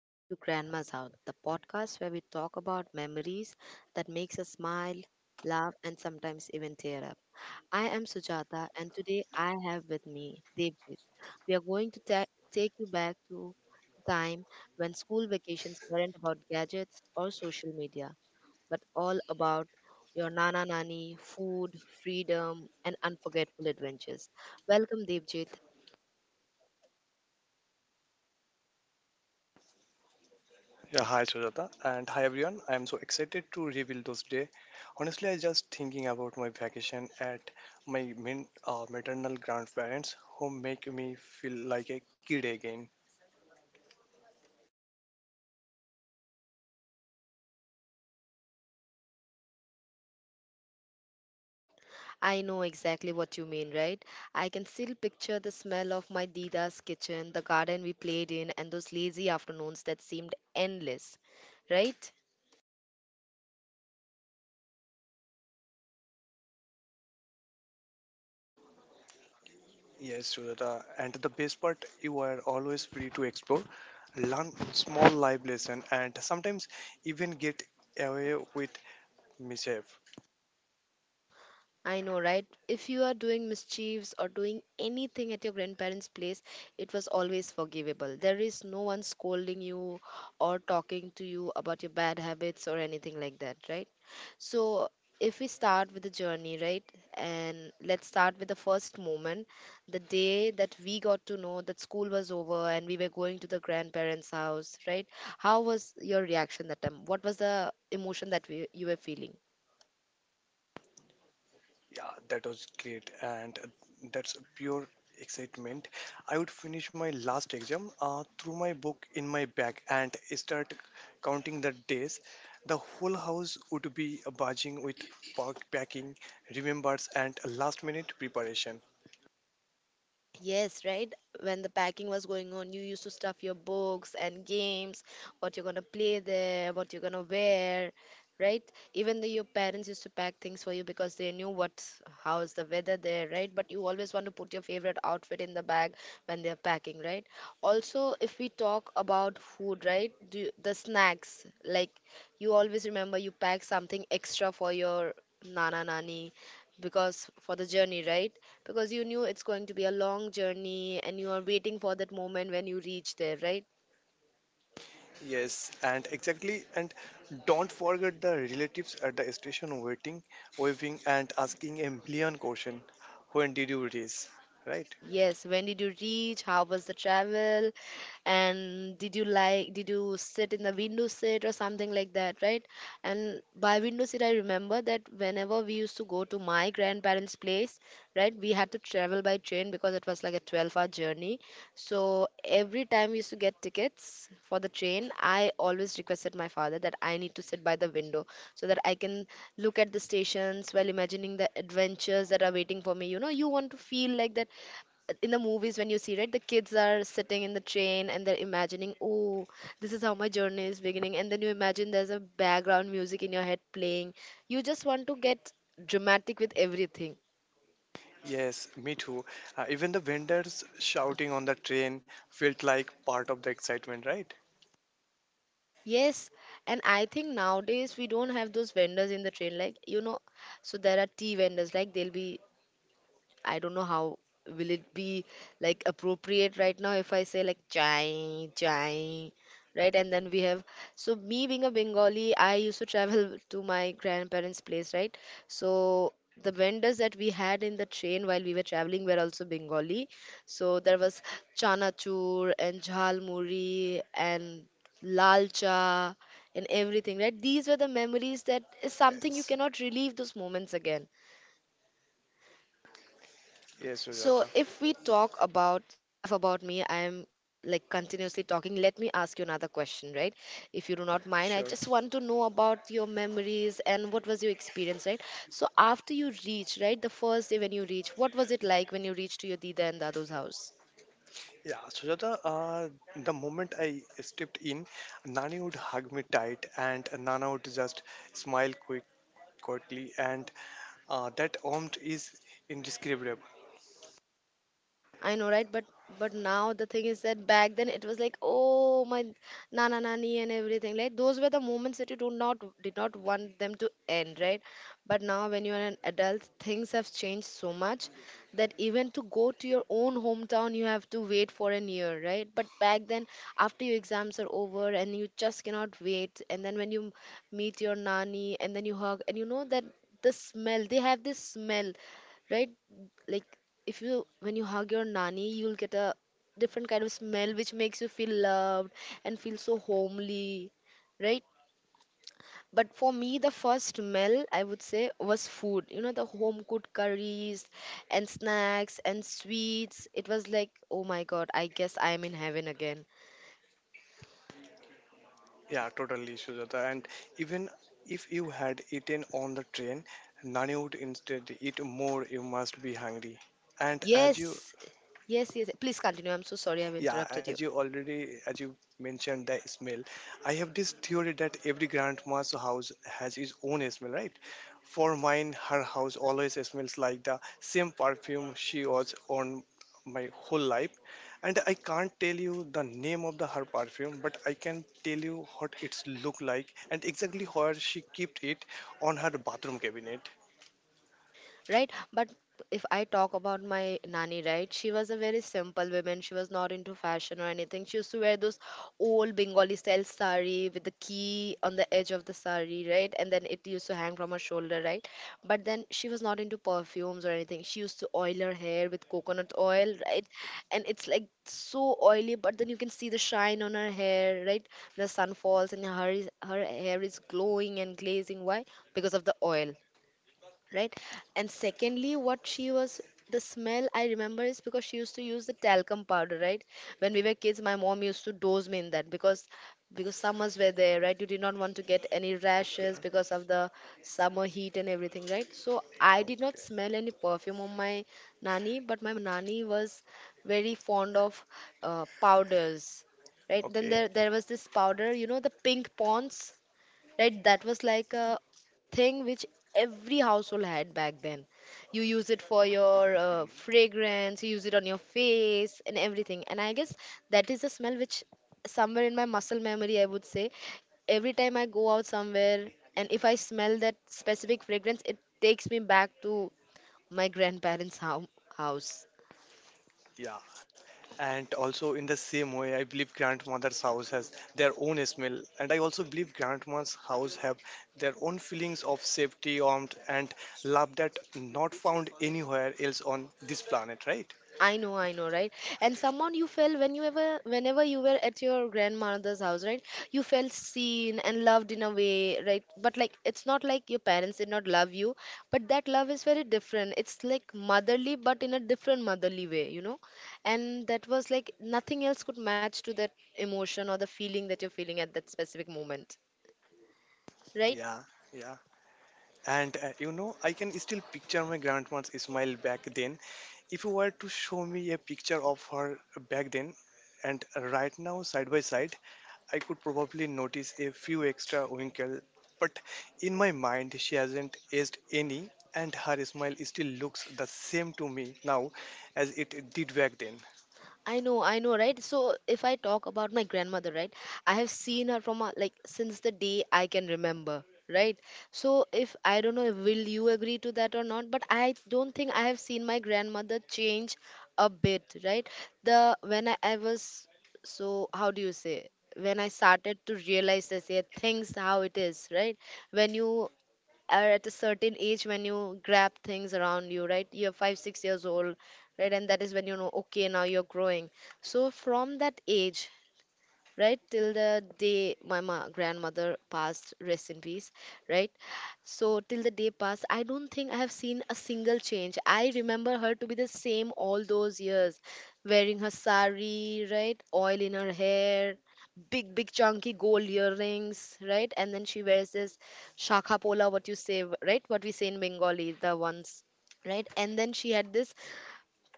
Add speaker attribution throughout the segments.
Speaker 1: Back to Grandma's House, the podcast where we talk about memories that makes us smile, laugh, and sometimes even tear up. I am Sujata, and today I have with me Devjit. We are going to take you back to the time when school vacations weren't about gadgets or social media, but all about your nana nani, food, freedom, and unforgettable adventures. Welcome, Devjit.
Speaker 2: Yeah, hi Sujata and hi everyone. I am so excited to reveal those day. Honestly, I just thinking about my vacation at maternal grandparents who make me feel like a kid again.
Speaker 1: I know exactly what you mean, right? I can still picture the smell of my Dida's kitchen, the garden we played in, and those lazy afternoons that seemed endless, right?
Speaker 2: Yes, Sujata. And the best part, you are always free to explore, learn small life lesson, and sometimes even get away with mischief.
Speaker 1: I know, right? If you are doing mischiefs or doing anything at your grandparents' place, it was always forgivable. There is no one scolding you or talking to you about your bad habits or anything like that, right? So, if we start with the journey, right? And let's start with the first moment, the day that we got to know that school was over and we were going to the grandparents' house, right? How was your reaction that time? What was the emotion that you were feeling?
Speaker 2: Yeah, that was great, and that's pure excitement. I would finish my last exam, threw my book in my bag, and start counting the days. The whole house would be barging with packing, remembers, and last-minute preparation.
Speaker 1: Yes, right. When the packing was going on, you used to stuff your books and games, what you're gonna play there, what you're gonna wear, right? Even though your parents used to pack things for you because they knew what how is the weather there, right? But you always want to put your favorite outfit in the bag when they're packing, right? Also, if we talk about food, right? The snacks, like you always remember you pack something extra for your nana nani because for the journey, right? Because you knew it's going to be a long journey and you are waiting for that moment when you reach there, right?
Speaker 2: Yes, and exactly, and don't forget the relatives at the station waiting, waving, and asking a million question. When did you raise? Right?
Speaker 1: Yes, when did you reach? How was the travel? And did you like, did you sit in the window seat or something like that, right? And by window seat, I remember that whenever we used to go to my grandparents' place, right, we had to travel by train because it was like a 12-hour journey. So every time we used to get tickets for the train, I always requested my father that I need to sit by the window so that I can look at the stations while imagining the adventures that are waiting for me. You know, you want to feel like that in the movies when you see, right, the kids are sitting in the train and they're imagining, oh, this is how my journey is beginning, and then you imagine there's a background music in your head playing. You just want to get dramatic with everything.
Speaker 2: Yes, me too. Even the vendors shouting on the train felt like part of the excitement, right?
Speaker 1: Yes, and I think nowadays we don't have those vendors in the train, like, you know, so there are tea vendors, like they'll be, I don't know how will it be like appropriate right now if I say like chai chai, right? And then we have, so me being a Bengali, I used to travel to my grandparents place, right? So the vendors that we had in the train while we were traveling were also Bengali, so there was chanachur and jhalmuri and lalcha and everything, right? These were the memories that is
Speaker 2: Yes.
Speaker 1: something you cannot relive those moments again.
Speaker 2: Yes, Sujata.
Speaker 1: So, if we talk about, enough about me, I am like continuously talking. Let me ask you another question, right? If you do not mind, I
Speaker 2: Sure.
Speaker 1: just want to know about your memories and what was your experience, right? So, after you reach, right, the first day when you reach, what was it like when you reached to your Dida and Dadu's house?
Speaker 2: Yeah, Sujata. The moment I stepped in, Nani would hug me tight and Nana would just smile quickly, and that warmth is indescribable.
Speaker 1: I know, right? But now the thing is that back then it was like, oh my nana nani and everything. Like those were the moments that you do not did not want them to end, right? But now when you are an adult, things have changed so much that even to go to your own hometown you have to wait for a year, right? But back then, after your exams are over and you just cannot wait, and then when you meet your nani and then you hug and you know that the smell, they have this smell, right? Like if you, when you hug your nanny, you'll get a different kind of smell which makes you feel loved and feel so homely, right? But for me the first smell I would say was food, you know, the home cooked curries and snacks and sweets. It was like, oh my god, I guess I am in heaven again.
Speaker 2: Yeah, totally, Sujata. And even if you had eaten on the train, Nani would instead eat more, you must be hungry. And as you
Speaker 1: Yes, yes, yes, please continue. I'm so sorry I've
Speaker 2: Yeah,
Speaker 1: interrupted you.
Speaker 2: as you mentioned the smell, I have this theory that every grandma's house has its own smell, right? For mine, her house always smells like the same perfume she was on my whole life, and I can't tell you the name of the her perfume, but I can tell you what it's look like and exactly where she kept it on her bathroom cabinet.
Speaker 1: Right, but if I talk about my nanny, right, she was a very simple woman. She was not into fashion or anything. She used to wear those old Bengali style sari with the key on the edge of the sari, right? And then it used to hang from her shoulder, right? But then she was not into perfumes or anything. She used to oil her hair with coconut oil, right? And it's like so oily, but then you can see the shine on her hair, right? The sun falls and her hair is glowing and glazing. Why? Because of the oil, right? And secondly, what she was, the smell I remember is because she used to use the talcum powder, right? When we were kids, my mom used to dose me in that because summers were there, right? You did not want to get any
Speaker 2: Okay.
Speaker 1: rashes because of the summer heat and everything, right? So I did not
Speaker 2: Okay,
Speaker 1: smell any perfume on my nani, but my nani was very fond of powders, right? Then
Speaker 2: okay,
Speaker 1: there was this powder, you know, the pink ponds, right? That was like a thing which every household had back then. You use it for your fragrance, you use it on your face and everything, and I guess that is a smell which somewhere in my muscle memory, I would say, every time I go out somewhere and if I smell that specific fragrance, it takes me back to my house.
Speaker 2: yeah. And also in the same way, I believe grandmother's house has their own smell, and I also believe grandma's house have their own feelings of safety, warmth, and love that not found anywhere else on this planet, right?
Speaker 1: I know, right? And someone you felt when you ever, whenever you were at your grandmother's house, right? You felt seen and loved in a way, right? But like, it's not like your parents did not love you, but that love is very different. It's like motherly, but in a different motherly way, you know? And that was like nothing else could match to that emotion or the feeling that you're feeling at that specific moment, right?
Speaker 2: Yeah, yeah. I can still picture my grandma's smile back then. If you were to show me a picture of her back then and right now, side by side, I could probably notice a few extra wrinkles, but in my mind she hasn't aged any, and her smile still looks the same to me now as it did back then.
Speaker 1: I know, right? So if I talk about my grandmother, right? I have seen her from a, like since the day I can remember, right? So if I don't know, will you agree to that or not? But I don't think I have seen my grandmother change a bit, right? The When I was, so how do you say? When I started to realize, I say things how it is, right? When you are at a certain age when you grab things around you, right, you're 5, 6 years old, right? And that is when you know, okay, now you're growing. So from that age, right, till the day my grandmother passed, rest in peace, right? So till the day passed, I don't think I have seen a single change. I remember her to be the same all those years, wearing her sari, right, oil in her hair, big big chunky gold earrings, right? And then she wears this shakha pola, what you say, right, what we say in Bengali, the ones, right? And then she had this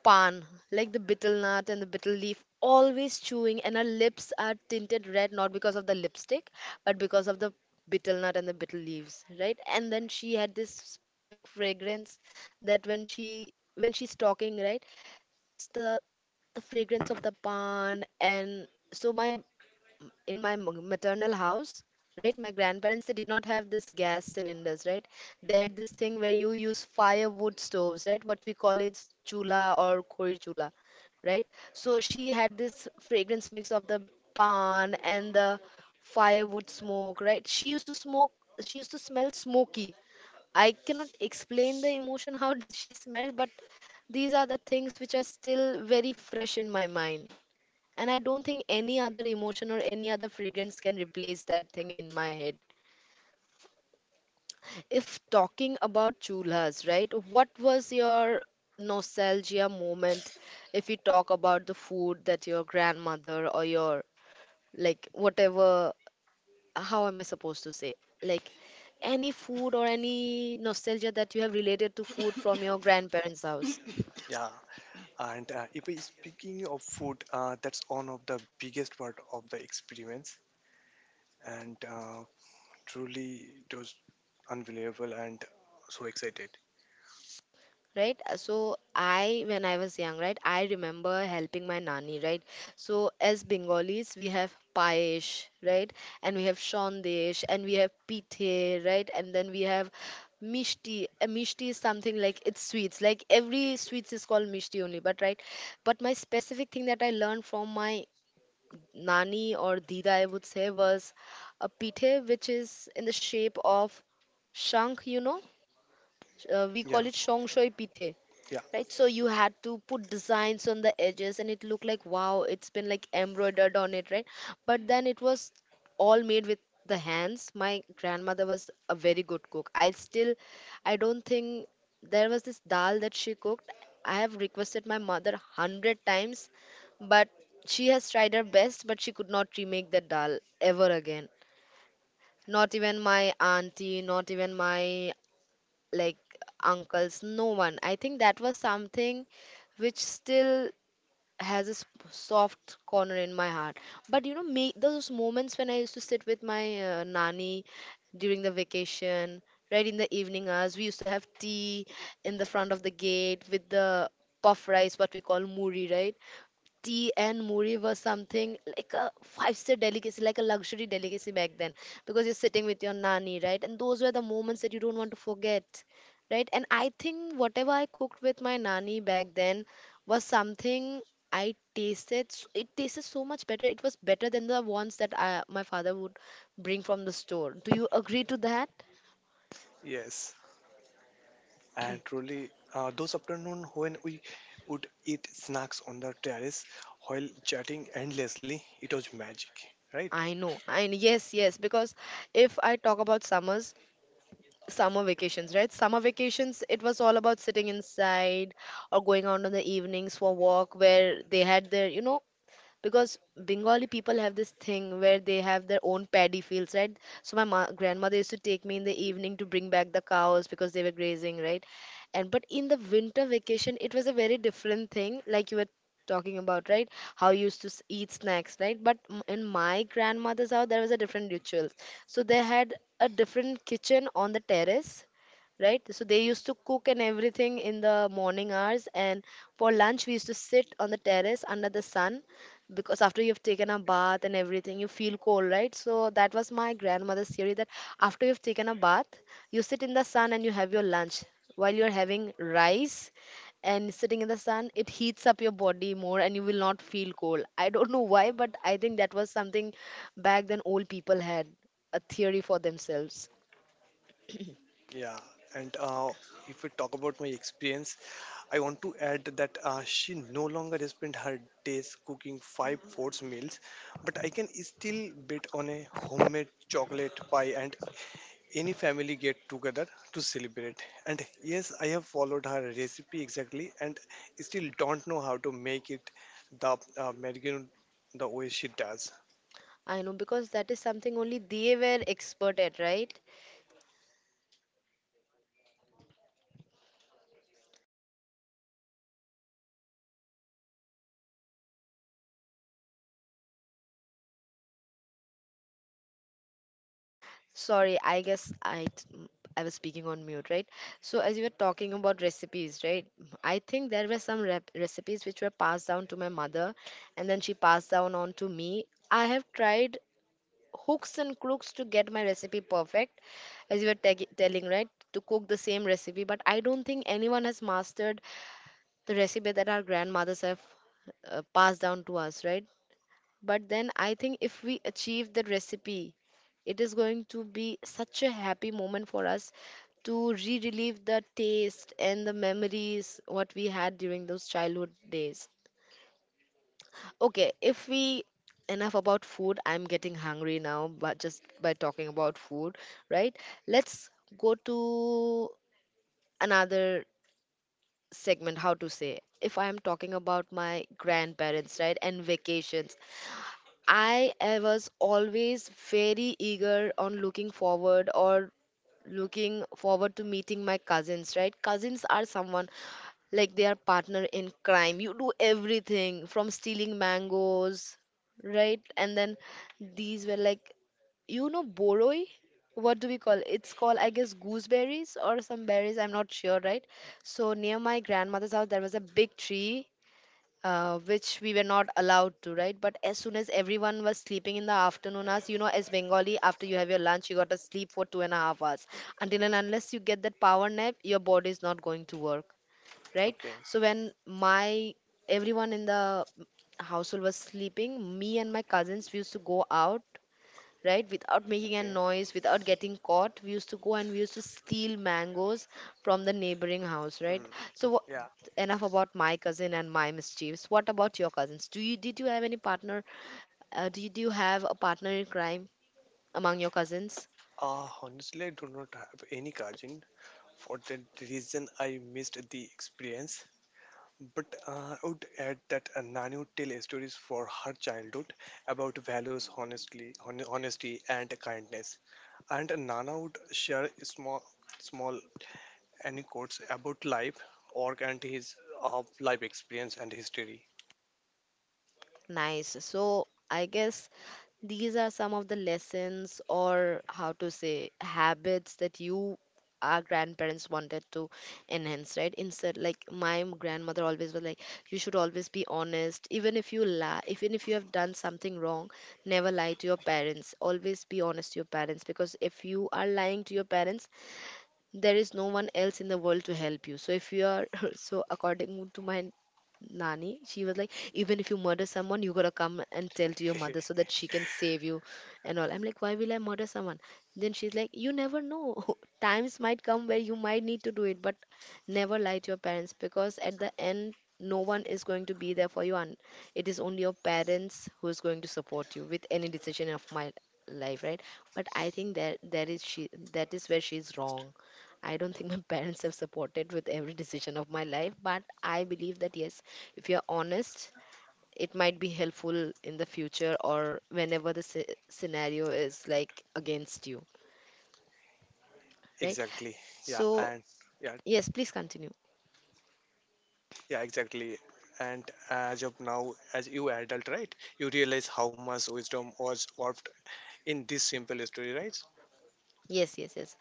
Speaker 1: pan, like the betel nut and the betel leaf, always chewing, and her lips are tinted red not because of the lipstick, but because of the betel nut and the betel leaves, right? And then she had this specific fragrance that when she's talking, right, it's the fragrance of the pan, and so my, in my maternal house, right, my grandparents, they did not have this gas cylinders, right? They had this thing where you use firewood stoves, right, what we call it chula or koi chula, right? So she had this fragrance mix of the pan and the firewood smoke, right? She used to smoke, she used to smell smoky. I cannot explain the emotion how did she smell, but these are the things which are still very fresh in my mind, and I don't think any other emotion or any other fragrance can replace that thing in my head. If talking about chulhas, right, what was your nostalgia moment if you talk about the food that your grandmother or your, like, whatever, how am I supposed to say? Like, any food or any nostalgia that you have related to food from your grandparents' house?
Speaker 2: Yeah, and if I speaking of food, that's one of the biggest part of the experience, and truly it was unbelievable and so excited.
Speaker 1: Right. So I when I was young, right, I remember helping my nanny, right? So as Bengalis, we have paish, right? And we have shondesh and we have pithe, right? And then we have mishti. A Mishti is something like, it's sweets, like every sweets is called mishti only, but right, but my specific thing that I learned from my nani or dida, I would say, was a pithe, which is in the shape of shank, you know. We
Speaker 2: Yeah,
Speaker 1: call it shongshoi pithe.
Speaker 2: yeah,
Speaker 1: Right, so you had to put designs on the edges and it looked like, wow, it's been like embroidered on it, right? But then it was all made with the hands. My grandmother was a very good cook. I still, I don't think, there was this dal that she cooked. I have requested my mother hundred times, but she has tried her best, but she could not remake the dal ever again. Not even my auntie, not even my, like, uncles, no one. I think that was something which still has soft corner in my heart. But you know me, those moments when I used to sit with my nanny during the vacation, right, in the evening hours we used to have tea in the front of the gate with the puff rice, what we call muri, right? Tea and muri was something like a five-star delicacy, like a luxury delicacy back then, because you're sitting with your nani, right? And those were the moments that you don't want to forget, right? And I think whatever I cooked with my nani back then was something I tasted. It tasted so much better. It was better than the ones that my father would bring from the store. Do you agree to that?
Speaker 2: yes. And truly those afternoon when we would eat snacks on the terrace while chatting endlessly, it was magic, right?
Speaker 1: I know. I, yes, yes. Because if I talk about summers, summer vacations, right? Summer vacations, it was all about sitting inside or going out in the evenings for walk where they had their, you know, because Bengali people have this thing where they have their own paddy fields, right? So my grandmother used to take me in the evening to bring back the cows because they were grazing, right? And but in the winter vacation it was a very different thing, like you were talking about, right? How you used to eat snacks, right? But in my grandmother's house there was a different ritual. So they had a different kitchen on the terrace, right? So they used to cook and everything in the morning hours. And for lunch, we used to sit on the terrace under the sun, because after you've taken a bath and everything, you feel cold, right? So that was my grandmother's theory, that after you've taken a bath, you sit in the sun and you have your lunch. While you're having rice and sitting in the sun, it heats up your body more and you will not feel cold. I don't know why, but I think that was something back then old people had a theory for themselves.
Speaker 2: Yeah, and if we talk about my experience, I want to add that she no longer spent her days cooking five fourths meals, but I can still bet on a homemade chocolate pie and any family get together to celebrate. And yes, I have followed her recipe exactly and still don't know how to make it the merguez the way she does.
Speaker 1: I know, because that is something only they were expert at, right? Sorry, I guess I was speaking on mute, right? So as you were talking about recipes, right? I think there were some recipes which were passed down to my mother and then she passed down on to me. I have tried hooks and crooks to get my recipe perfect, as you were telling, right? To cook the same recipe, but I don't think anyone has mastered the recipe that our grandmothers have passed down to us, right? But then I think if we achieve the recipe, it is going to be such a happy moment for us to re relive the taste and the memories what we had during those childhood days. Okay, if we, enough about food, I'm getting hungry now, but just by talking about food, right? Let's go to another segment. How to say, if I'm talking about my grandparents, right, and vacations, I was always very eager on looking forward or looking forward to meeting my cousins, right? Cousins are someone like they are partner in crime. You do everything from stealing mangoes, right? And then these were like, you know, boroi? What do we call, it's called, I guess, gooseberries or some berries. I'm not sure, right? So near my grandmother's house, there was a big tree which we were not allowed to, right? But as soon as everyone was sleeping in the afternoon hours, you know, as Bengali, after you have your lunch, you got to sleep for 2.5 hours. Until and unless you get that power nap, your body is not going to work, right?
Speaker 2: Okay,
Speaker 1: So when my, everyone in the household was sleeping, me and my cousins, we used to go out, right, without making a
Speaker 2: okay.
Speaker 1: noise, without getting caught. We used to go and we used to steal mangoes from the neighboring house, right?
Speaker 2: Mm,
Speaker 1: So what,
Speaker 2: yeah.
Speaker 1: enough about my cousin and my mischiefs. What about your cousins? Do you Did you have any partner, do you have a partner in crime among your cousins?
Speaker 2: Honestly, I do not have any cousin. For that reason, I missed the experience. But I would add that Nani would tell stories for her childhood about values, honestly, honesty, and kindness. And Nana would share small anecdotes about life, Orc and his life experience and history.
Speaker 1: Nice. So I guess these are some of the lessons or how to say habits that you our grandparents wanted to enhance, right? Instead, like, my grandmother always was like, you should always be honest. Even if you lie, even if you have done something wrong, never lie to your parents, always be honest to your parents, because if you are lying to your parents there is no one else in the world to help you. So if you are, so according to my nani, she was like, even if you murder someone, you gotta come and tell to your mother so that she can save you and all. I'm like, why will I murder someone? Then she's like, you never know. Times might come where you might need to do it, but never lie to your parents, because at the end, no one is going to be there for you, and it is only your parents who is going to support you with any decision of my life, right? But I think that, that is she that is where she's wrong. I don't think my parents have supported with every decision of my life, but I believe that yes, if you're honest, it might be helpful in the future or whenever the scenario is like against you, right?
Speaker 2: Exactly. Yeah,
Speaker 1: So,
Speaker 2: and yeah,
Speaker 1: yes, please continue.
Speaker 2: yeah, exactly. And as of now, as you adult, right, you realize how much wisdom was warped in this simple story, right?
Speaker 1: Yes, yes, yes.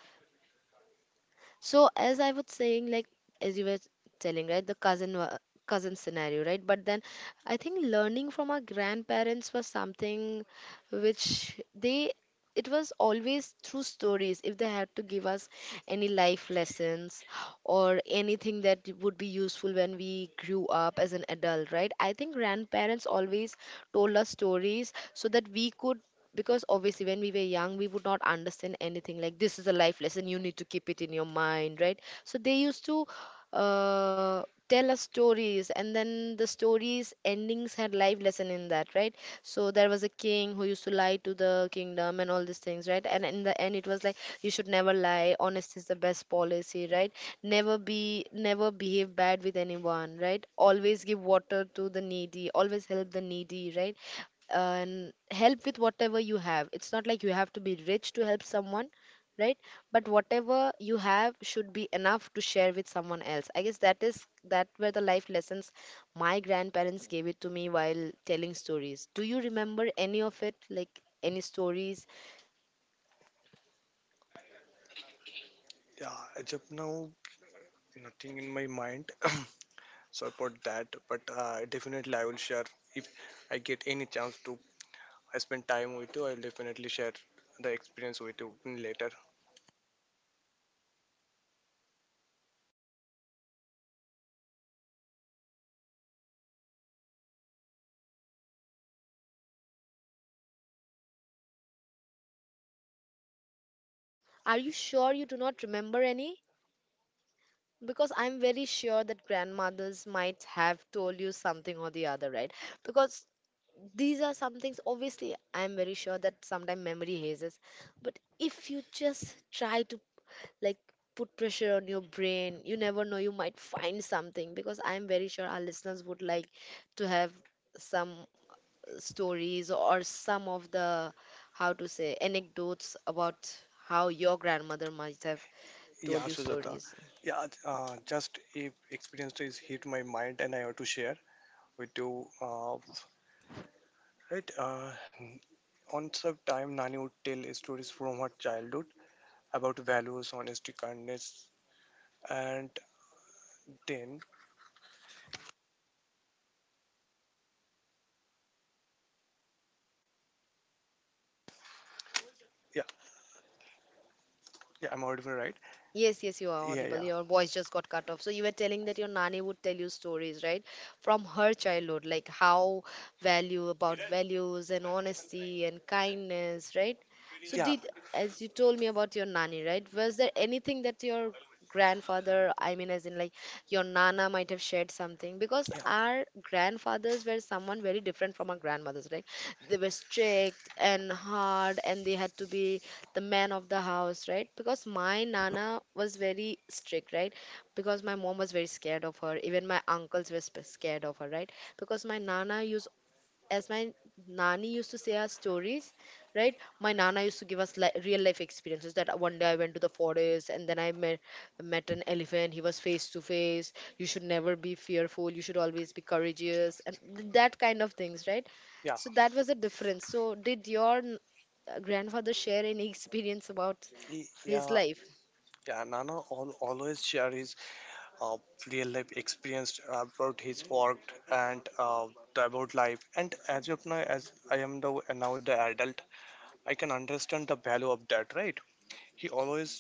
Speaker 1: So as I was saying, like, as you were telling, right, the cousin scenario, right? But then I think learning from our grandparents was something which they it was always through stories, if they had to give us any life lessons or anything that would be useful when we grew up as an adult, right? I think grandparents always told us stories so that we could, because obviously when we were young we would not understand anything, like this is a life lesson, you need to keep it in your mind, right? So they used to uh, tell us stories, and then the stories endings had life lesson in that, right? So there was a king who used to lie to the kingdom and all these things, right? And in the end it was like, you should never lie, honest is the best policy, right? Never behave bad with anyone, right? Always give water to the needy, always help the needy, right? And help with whatever you have, it's not like you have to be rich to help someone, right? But whatever you have should be enough to share with someone else. I guess that is, that were the life lessons my grandparents gave it to me while telling stories. Do you remember any of it, like any stories?
Speaker 2: Yeah, as of now, nothing in my mind. Sorry for that, but definitely I will share if I get any chance to I spent time with you. I'll definitely share the experience with you later.
Speaker 1: Are you sure you do not remember any? Because I'm very sure that grandmothers might have told you something or the other, right? Because these are some things, obviously I'm very sure that sometimes memory hazes, but if you just try to, like, put pressure on your brain, you never know, you might find something, because I'm very sure our listeners would like to have some stories or some of the, how to say, anecdotes about how your grandmother might have told
Speaker 2: Yeah,
Speaker 1: you
Speaker 2: Sujata.
Speaker 1: stories.
Speaker 2: Yeah, just if experience is hit my mind and I have to share with you. Right, uh, on some time, Nani would tell stories from her childhood about values, honesty, kindness, and then yeah, yeah, I'm audible, right?
Speaker 1: Yes, yes, you are
Speaker 2: Yeah,
Speaker 1: audible.
Speaker 2: yeah,
Speaker 1: Your voice just got cut off. So you were telling that your nanny would tell you stories, right? From her childhood, like how, value, about values and honesty and kindness, right? So
Speaker 2: yeah,
Speaker 1: did, as you told me about your nanny, right, was there anything that your grandfather, I mean as in like your nana might have shared something? Because
Speaker 2: yeah.
Speaker 1: our grandfathers were someone very different from our grandmothers, right? They were strict and hard, and they had to be the man of the house, right? Because my nana was very strict, right? Because my mom was very scared of her. Even my uncles were scared of her, right? Because my nana used, as my nani used to say us stories, right, my nana used to give us real life experiences that one day I went to the forest and then I met an elephant. He was face to face. You should never be fearful, you should always be courageous, and that kind of things, right?
Speaker 2: Yeah,
Speaker 1: So that was the difference. So did your grandfather share any experience about his
Speaker 2: yeah,
Speaker 1: life?
Speaker 2: yeah. Nana al always share his uh, real life experience about his work and the about life. And as of now, as I am the, now the adult, I can understand the value of that, right? He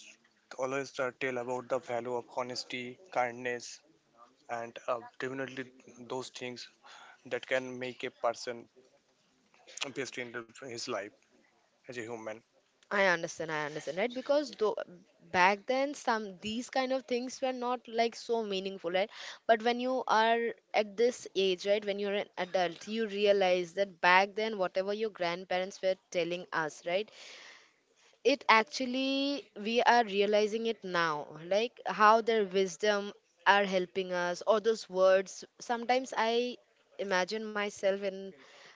Speaker 2: always tell about the value of honesty, kindness, and definitely those things that can make a person best in the- his life as a human.
Speaker 1: I understand, right? Because though back then some these kind of things were not like so meaningful, right? But when you are at this age, right, when you're an adult, you realize that back then whatever your grandparents were telling us, right, it actually we are realizing it now, like how their wisdom are helping us, or those words. Sometimes I imagine myself in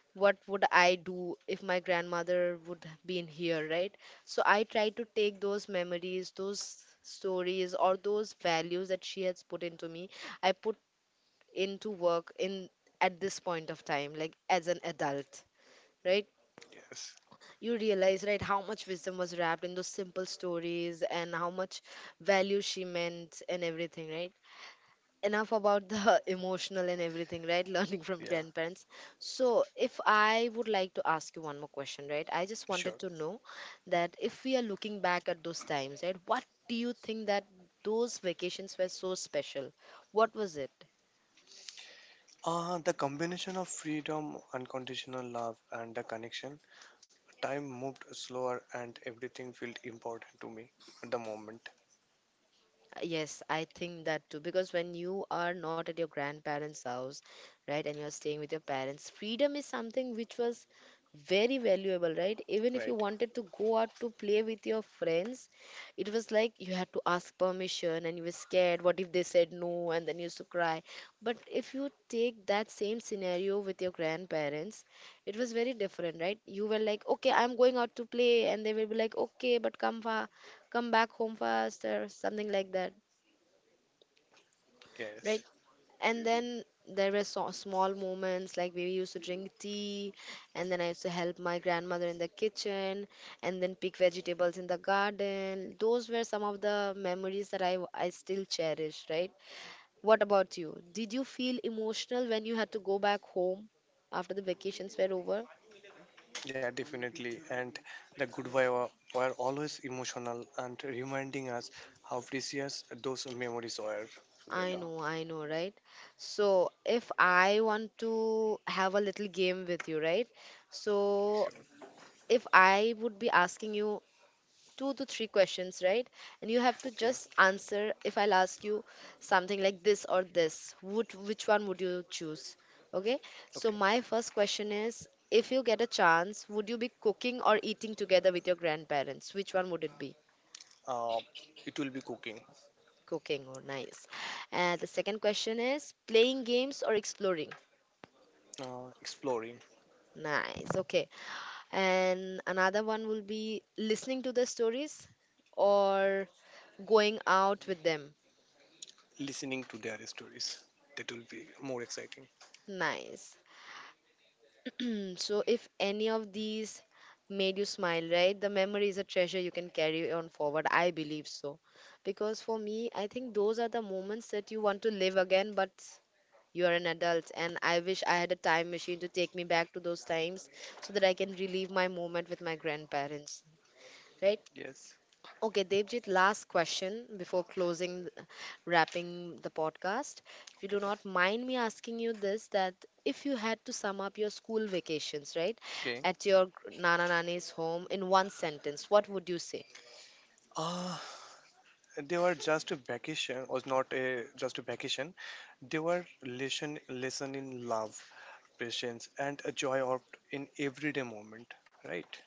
Speaker 1: what would I do if my grandmother would have been here, right? So I try to take those memories, those stories, or those values that she has put into me. I put into work in at this point of time, like as an adult, right?
Speaker 2: Yes.
Speaker 1: You realize, right, how much wisdom was wrapped in those simple stories and how much value she meant and everything, right? Enough about the emotional and everything, right? Learning from
Speaker 2: Yeah.
Speaker 1: grandparents. So if I would like to ask you one more question, right, I just
Speaker 2: Sure.
Speaker 1: wanted to know that if we are looking back at those times, right, what do you think that those vacations were so special? What was it?
Speaker 2: The combination of freedom, unconditional love, and the connection. Time moved slower and everything felt important to me at the moment,
Speaker 1: Yes, I think that too. Because when you are not at your grandparents' house, right, and you're staying with your parents, freedom is something which was very valuable, right? Even if you
Speaker 2: right?
Speaker 1: wanted to go out to play with your friends, it was like you had to ask permission and you were scared. What if they said no? And then you used to cry. But if you take that same scenario with your grandparents, it was very different, right? You were like, okay, I'm going out to play. And they will be like, okay, but come, come back home fast, or something like that, right?
Speaker 2: Yes.
Speaker 1: And then there were so small moments, like we used to drink tea, and then I used to help my grandmother in the kitchen, and then pick vegetables in the garden. Those were some of the memories that I still cherish, right? What about you? Did you feel emotional when you had to go back home after the vacations were over?
Speaker 2: Yeah, definitely. And the goodbye were, were always emotional and reminding us how precious those memories were, Sujata.
Speaker 1: I know, right? So if I want to have a little game with you, right? So
Speaker 2: So,
Speaker 1: if I would be asking you two to three questions, right? And you have to
Speaker 2: okay,
Speaker 1: just answer, if I'll ask you something like this or this, would which one would you choose? Okay? So
Speaker 2: okay.
Speaker 1: my first question is, if you get a chance, would you be cooking or eating together with your grandparents? Which one would it be?
Speaker 2: Uh, it will be cooking,
Speaker 1: Cooking, or nice. And the second question is, playing games or exploring?
Speaker 2: exploring,
Speaker 1: Nice. Okay. And another one will be listening to the stories or going out with them.
Speaker 2: listening to their stories. That will be more exciting.
Speaker 1: Nice. So if any of these made you smile, right, the memory is a treasure you can carry on forward, I believe so. Because for me, I think those are the moments that you want to live again, but you are an adult, and I wish I had a time machine to take me back to those times so that I can relive my moment with my grandparents, right.
Speaker 2: Yes.
Speaker 1: Okay, Devjit, last question before closing, wrapping the podcast. If you do
Speaker 2: Okay.
Speaker 1: not mind me asking you this, that if you had to sum up your school vacations, right,
Speaker 2: Okay.
Speaker 1: at your nana nani's home in one sentence, what would you say?
Speaker 2: Ah, they were just a vacation was not a just a vacation, they were lesson in love, patience, and a joy of in everyday moment, right?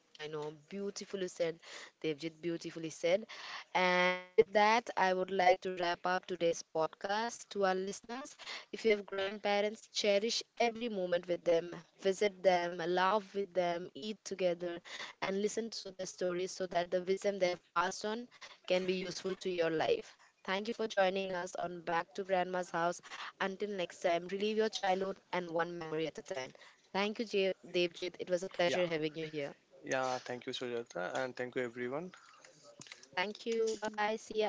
Speaker 1: Know, I know. Beautifully said, Devjit. Beautifully said. And with that, I would like to wrap up today's podcast to our listeners. If you have grandparents, cherish every moment with them, visit them, laugh with them, eat together, and listen to their stories so that the wisdom they have passed on can be useful to your life. Thank you for joining us on Back to Grandma's House. Until next time, relive your childhood and one memory at a time. Thank you, Devjit. It was a pleasure
Speaker 2: Yeah,
Speaker 1: having you here.
Speaker 2: yeah, thank you Sujata and thank you everyone.
Speaker 1: Thank you. Bye bye. See ya.